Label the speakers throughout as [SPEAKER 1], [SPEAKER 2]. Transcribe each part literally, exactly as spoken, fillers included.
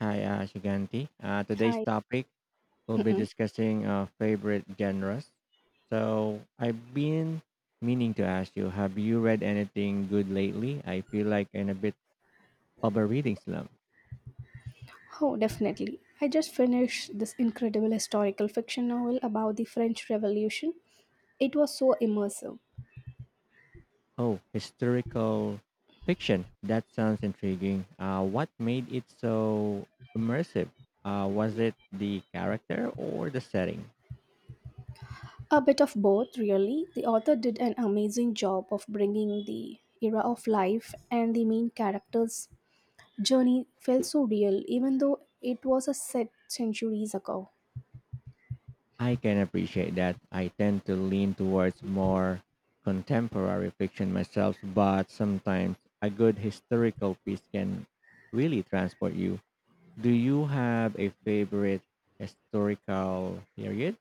[SPEAKER 1] Hi, uh, Shiganti. Uh, today's
[SPEAKER 2] Hi.
[SPEAKER 1] topic will be
[SPEAKER 2] Mm-mm.
[SPEAKER 1] discussing uh, favorite genres. So I've been meaning to ask you, have you read anything good lately? I feel like in a bit of a reading slump.
[SPEAKER 2] Oh, definitely. I just finished this incredible historical fiction novel about the French Revolution. It was so immersive.
[SPEAKER 1] Oh, historical fiction. That sounds intriguing. Uh, what made it it so immersive? Uh, was the the character or the setting?
[SPEAKER 2] A bit of both, really. The author did an amazing job of bringing the era of life, and the main character's journey felt so real, even though it was a set centuries ago.
[SPEAKER 1] I can appreciate that. I tend to lean towards more contemporary fiction myself, but sometimes a good historical piece can really transport you. Do you have a favorite historical period?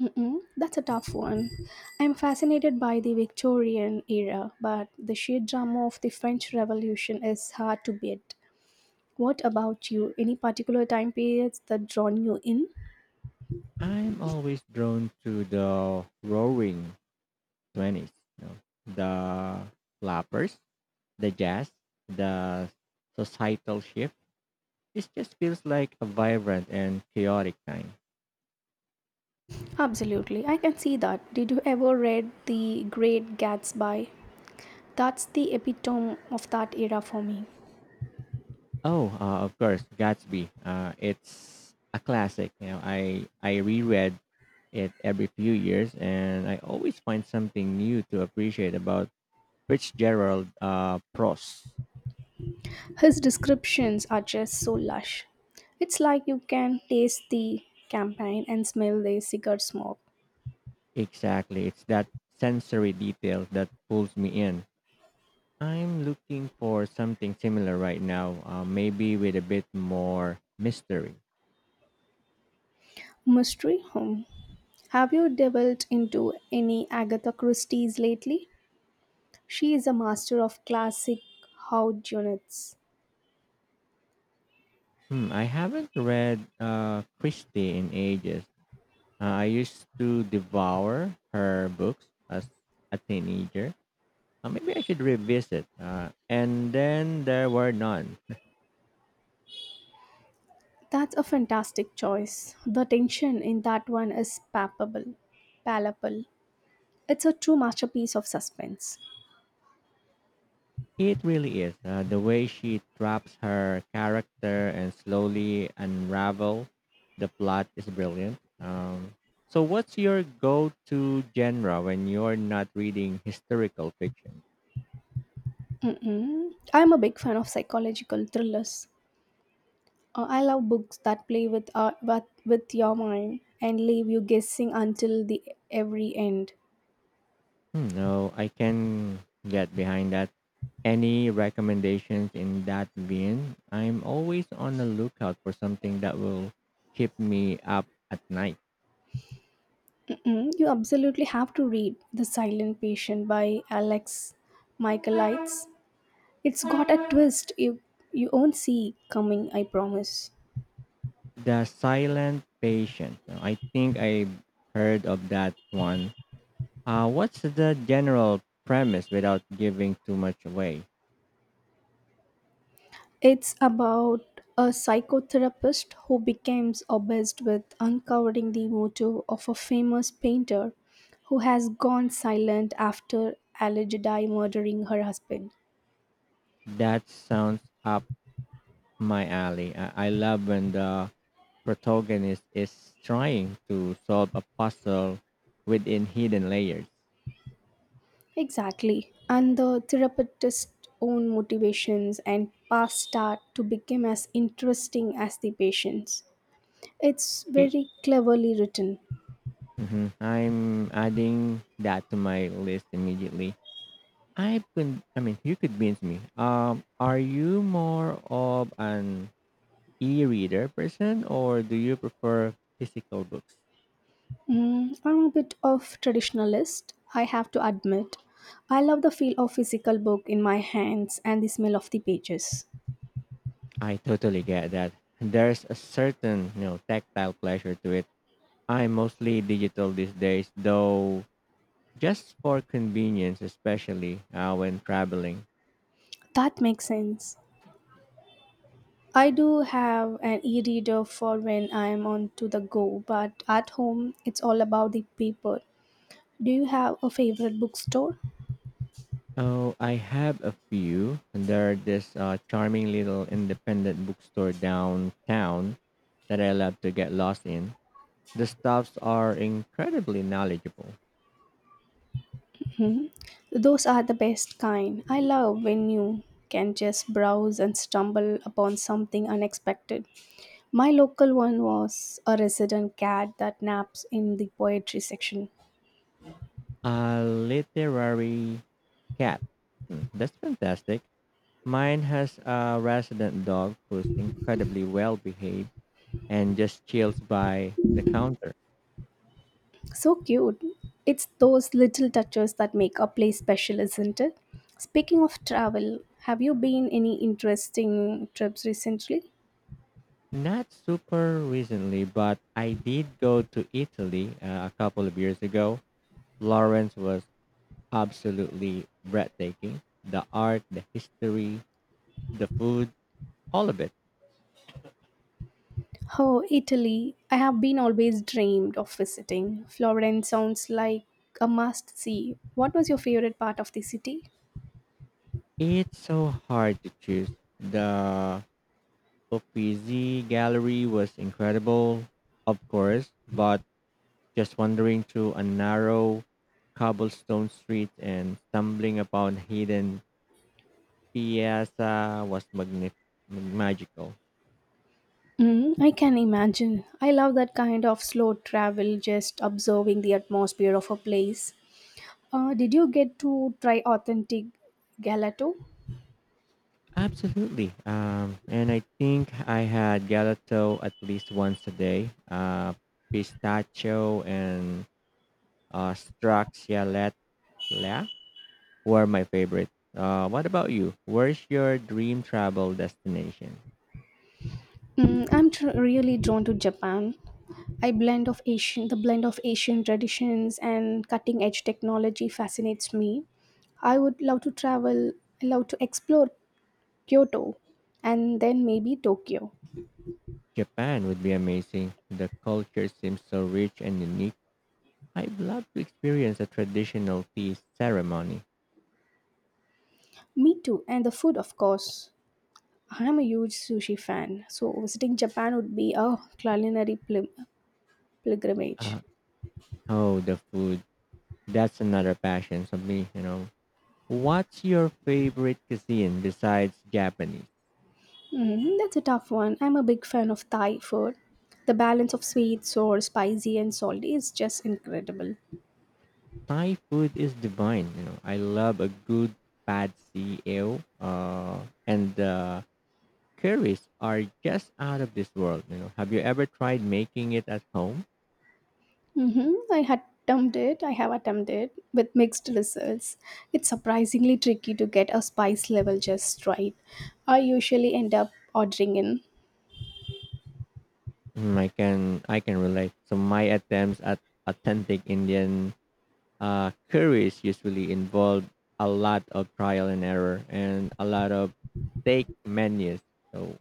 [SPEAKER 2] Mm-mm, that's a tough one. I'm fascinated by the Victorian era, but the sheer drama of the French Revolution is hard to beat. What about you? Any particular time periods that drawn you in?
[SPEAKER 1] I'm always drawn to the roaring twenties, you know, the flappers, the jazz, the societal shift. It just feels like a vibrant and chaotic time.
[SPEAKER 2] Absolutely, I can see that. Did you ever read The Great Gatsby? That's the epitome of that era for me.
[SPEAKER 1] Oh, uh, of course, Gatsby. Uh, it's a classic. You know, I I reread it every few years, and I always find something new to appreciate about Fitzgerald uh, prose.
[SPEAKER 2] His descriptions are just so lush. It's like you can taste the campaign and smell the cigar smoke.
[SPEAKER 1] Exactly, it's that sensory detail that pulls me in. I'm looking for something similar right now, uh, maybe with a bit more mystery.
[SPEAKER 2] Mystery Home. Have you delved into any Agatha Christie's lately? She is a master of classic how units.
[SPEAKER 1] Hmm, I haven't read uh, Christie in ages. Uh, I used to devour her books as a teenager. Uh, maybe I should revisit. Uh, and then there were none.
[SPEAKER 2] That's a fantastic choice. The tension in that one is palpable, palpable. It's a true masterpiece of suspense.
[SPEAKER 1] It really is, uh, the way she traps her character and slowly unravel the plot is brilliant. Um, so, what's your go-to genre when you're not reading historical fiction?
[SPEAKER 2] Mm-mm. I'm a big fan of psychological thrillers. Uh, I love books that play with, uh, with with your mind and leave you guessing until the every end.
[SPEAKER 1] Hmm, no, I can get behind that. Any recommendations in that vein? I'm always on the lookout for something that will keep me up at night.
[SPEAKER 2] Mm-mm. You absolutely have to read *The Silent Patient* by Alex Michaelides. It's got a twist you you won't see coming. I promise.
[SPEAKER 1] The Silent Patient. Now, I think I heard of that one. Uh, what's the general premise without giving too much away?
[SPEAKER 2] It's about a psychotherapist who becomes obsessed with uncovering the motive of a famous painter who has gone silent after allegedly murdering her husband.
[SPEAKER 1] That sounds up my alley. I, I love when the protagonist is trying to solve a puzzle within hidden layers.
[SPEAKER 2] Exactly. And the therapist's own motivations and past start to become as interesting as the patient's. It's
[SPEAKER 1] It,
[SPEAKER 2] very cleverly written.
[SPEAKER 1] mhm. I'm adding that to my list immediately. I could, I mean, you convince me. Um, are you more of an e-reader person, or do you prefer physical books?
[SPEAKER 2] Mm, I'm a bit of traditionalist, I have to admit. I love the feel of physical book in my hands and the smell of the pages.
[SPEAKER 1] I totally get that. There's a certain, you know, tactile pleasure to it. I'm mostly digital these days, though, just for convenience, especially uh, when traveling.
[SPEAKER 2] That makes sense. I do have an e-reader for when I'm on to the go, but at home it's all about the paper. Do you have a favorite bookstore?
[SPEAKER 1] Oh, I have a few. There this uh, charming little independent bookstore downtown that I love to get lost in. The staffs are incredibly knowledgeable.
[SPEAKER 2] Those are the best kind. I love when you can just browse and stumble upon something unexpected. My local one was a resident cat that naps in the poetry section.
[SPEAKER 1] A literary cat. Hmm, that's fantastic. Mine has a resident dog who's incredibly well behaved and just chills by the counter.
[SPEAKER 2] So cute. It's those little touches that make a place special, isn't it? Speaking of travel, have you been any interesting trips recently?
[SPEAKER 1] Not super recently, but I did go to Italy uh, a couple of years ago. Florence was absolutely breathtaking. The art, the history, the food, all of it.
[SPEAKER 2] Oh, Italy. I have been always dreamed of visiting. Florence sounds like a must see. What was your favorite part of the city?
[SPEAKER 1] It's so hard to choose. The Uffizi gallery was incredible, of course, but just wandering through a narrow cobblestone street and stumbling upon hidden piazza was magni- magical.
[SPEAKER 2] Mm, I can imagine. I love that kind of slow travel, just observing the atmosphere of a place. Uh, did you get to try authentic gelato?
[SPEAKER 1] Absolutely. Um, and I think I had gelato at least once a day, uh, pistachio and uh, straxia were my favorite. Uh, what about you? Where's your dream travel destination?
[SPEAKER 2] Mm, I'm tr- really drawn to Japan. I blend of Asian, the blend of Asian traditions and cutting edge technology fascinates me. I would love to travel, love to explore Kyoto and then maybe Tokyo.
[SPEAKER 1] Japan would be amazing. The culture seems so rich and unique. I'd love to experience a traditional tea ceremony.
[SPEAKER 2] Me too, and the food, of course. I'm a huge sushi fan, so visiting Japan would be a culinary pil- pilgrimage.
[SPEAKER 1] Uh, oh, the food. That's another passion for me. You know, what's your favorite cuisine besides Japanese?
[SPEAKER 2] Mm, that's a tough one. I'm a big fan of Thai food. The balance of sweet, sour, spicy, and salty is just incredible.
[SPEAKER 1] Thai food is divine. You know, I love a good pad see ew. Uh, and the curries are just out of this world. You know, have you ever tried making it at home?
[SPEAKER 2] Mhm. I had attempted, I have attempted with mixed results. It's surprisingly tricky to get a spice level just right. I usually end up ordering in.
[SPEAKER 1] Mm, I can I can relate. So my attempts at authentic Indian uh, curries usually involve a lot of trial and error and a lot of take menus. So,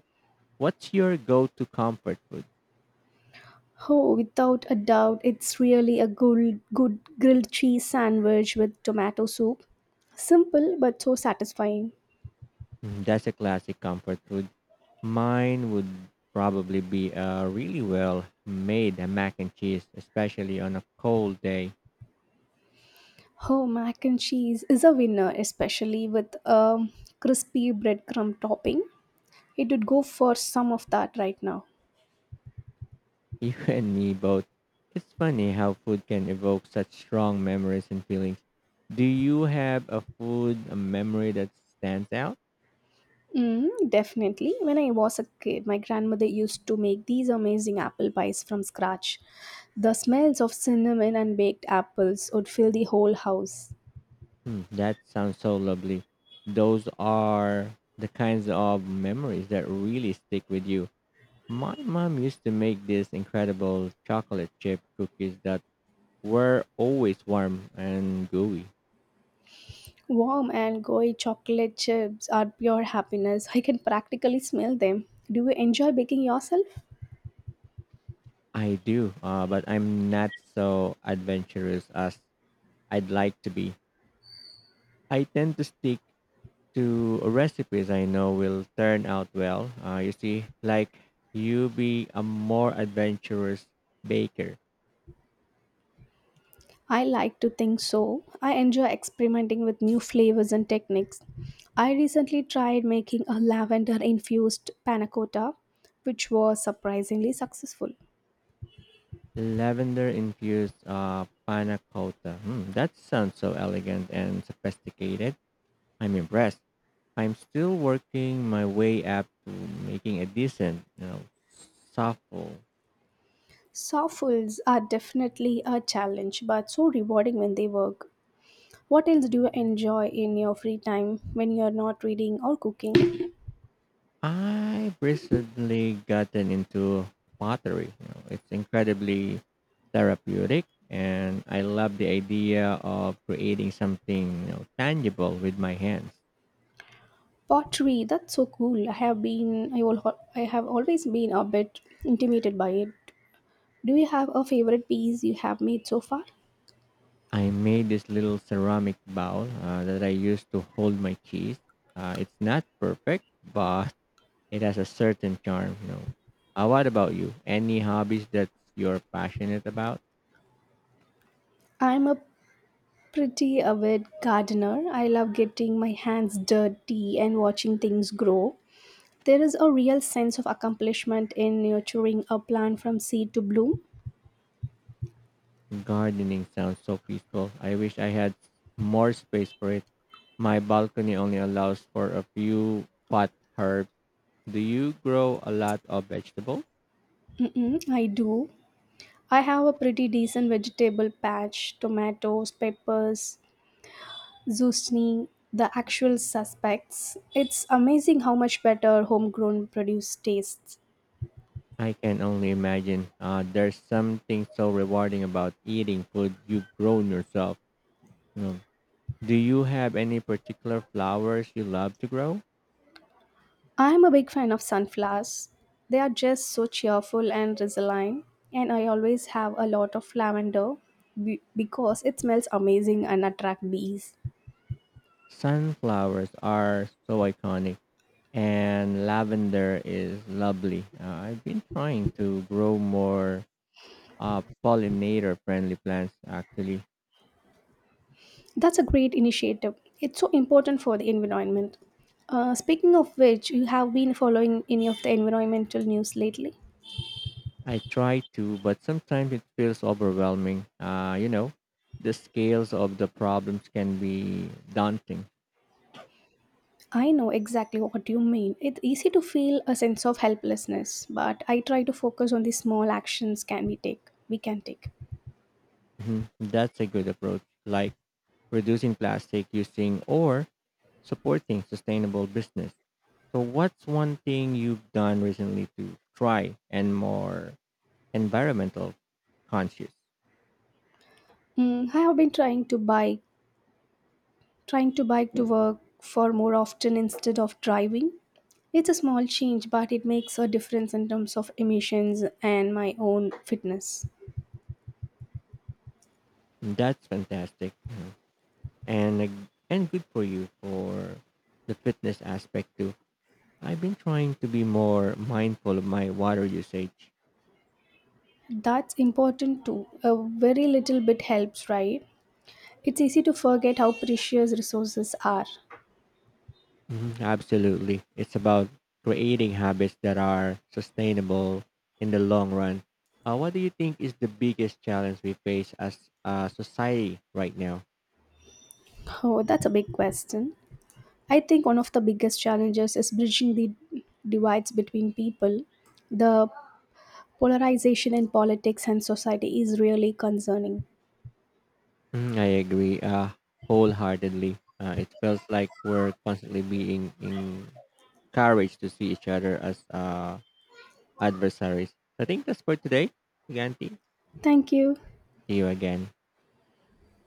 [SPEAKER 1] what's your go-to comfort food?
[SPEAKER 2] Oh, without a doubt, it's really a good, good grilled cheese sandwich with tomato soup. Simple but so satisfying.
[SPEAKER 1] Mm, that's a classic comfort food. Mine would probably be a really well made mac and cheese, especially on a cold day.
[SPEAKER 2] Oh, mac and cheese is a winner, especially with a crispy breadcrumb topping. It would go for some of that right now.
[SPEAKER 1] You and me both. It's funny how food can evoke such strong memories and feelings. Do you have a food, a memory that stands out?
[SPEAKER 2] Mm, definitely. When I was a kid, my grandmother used to make these amazing apple pies from scratch. The smells of cinnamon and baked apples would fill the whole house.
[SPEAKER 1] Hmm, that sounds so lovely. Those are the kinds of memories that really stick with you. My mom used to make these incredible chocolate chip cookies that were always warm and gooey.
[SPEAKER 2] Warm and gooey chocolate chips are pure happiness. I can practically smell them. Do you enjoy baking yourself?
[SPEAKER 1] I do, uh, but I'm not so adventurous as I'd like to be. I tend to stick to recipes I know will turn out well. Uh, you see, like you be a more adventurous baker.
[SPEAKER 2] I like to think so. I enjoy experimenting with new flavors and techniques. I recently tried making a lavender infused panna cotta, which was surprisingly successful.
[SPEAKER 1] Lavender infused uh, panna cotta. Hmm, that sounds so elegant and sophisticated. I'm impressed. I'm still working my way up to making a decent, you know, softball.
[SPEAKER 2] Softwoods are definitely a challenge, but so rewarding when they work. What else do you enjoy in your free time when you're not reading or cooking?
[SPEAKER 1] I've recently gotten into pottery. You know, it's incredibly therapeutic, and I love the idea of creating something, you know, tangible with my hands.
[SPEAKER 2] Pottery, that's so cool. I have been, I will, I have always been a bit intimidated by it. Do you have a favorite piece you have made so far?
[SPEAKER 1] I made this little ceramic bowl uh, that I use to hold my cheese. Uh, it's not perfect, but it has a certain charm, you know. Uh, what about you? Any hobbies that you're passionate about?
[SPEAKER 2] I'm a pretty avid gardener. I love getting my hands dirty and watching things grow. There is a real sense of accomplishment in nurturing a plant from seed to bloom.
[SPEAKER 1] Gardening sounds so peaceful. I wish I had more space for it. My balcony only allows for a few pot herbs. Do you grow a lot of vegetables?
[SPEAKER 2] Mm-mm, I do. I have a pretty decent vegetable patch, tomatoes, peppers, zucchini, the actual suspects. It's amazing how much better homegrown produce tastes.
[SPEAKER 1] I can only imagine. Uh, there's something so rewarding about eating food you've grown yourself. You know, do you have any particular flowers you love to grow?
[SPEAKER 2] I'm a big fan of sunflowers. They are just so cheerful and resilient, and I always have a lot of lavender be- because it smells amazing and attract bees.
[SPEAKER 1] Sunflowers are so iconic, and lavender is lovely. Uh, I've been trying to grow more uh, pollinator friendly plants actually.
[SPEAKER 2] That's a great initiative. It's so important for the environment. Uh, speaking of which, you have been following any of the environmental news lately?
[SPEAKER 1] I try to, but sometimes it feels overwhelming. Uh, you know, the scales of the problems can be daunting.
[SPEAKER 2] I know exactly what you mean. It's easy to feel a sense of helplessness, but I try to focus on the small actions can we take. We can take.
[SPEAKER 1] Mhm. That's a good approach, like reducing plastic using or supporting sustainable business. So, what's one thing you've done recently to try and more environmental conscious?
[SPEAKER 2] Mm, I have been trying to bike, trying to bike to work for more often instead of driving. It's a small change, but it makes a difference in terms of emissions and my own fitness.
[SPEAKER 1] That's fantastic. Mhm. And ag- and good for you for the fitness aspect too. I've been trying to be more mindful of my water usage.
[SPEAKER 2] That's important too. A very little bit helps, right? It's easy to forget how precious resources are.
[SPEAKER 1] Mhm, absolutely. It's about creating habits that are sustainable in the long run. Uh, what do you think is the biggest challenge we face as a society right now?
[SPEAKER 2] Oh, that's a big question. I think one of the biggest challenges is bridging the divides between people. The polarization in politics and society is really concerning.
[SPEAKER 1] Mhm, I agree, uh, wholeheartedly. Uh, it feels like we're constantly being encouraged to see each other as uh, adversaries. So I think that's for today, Giganti.
[SPEAKER 2] Thank you.
[SPEAKER 1] See you again.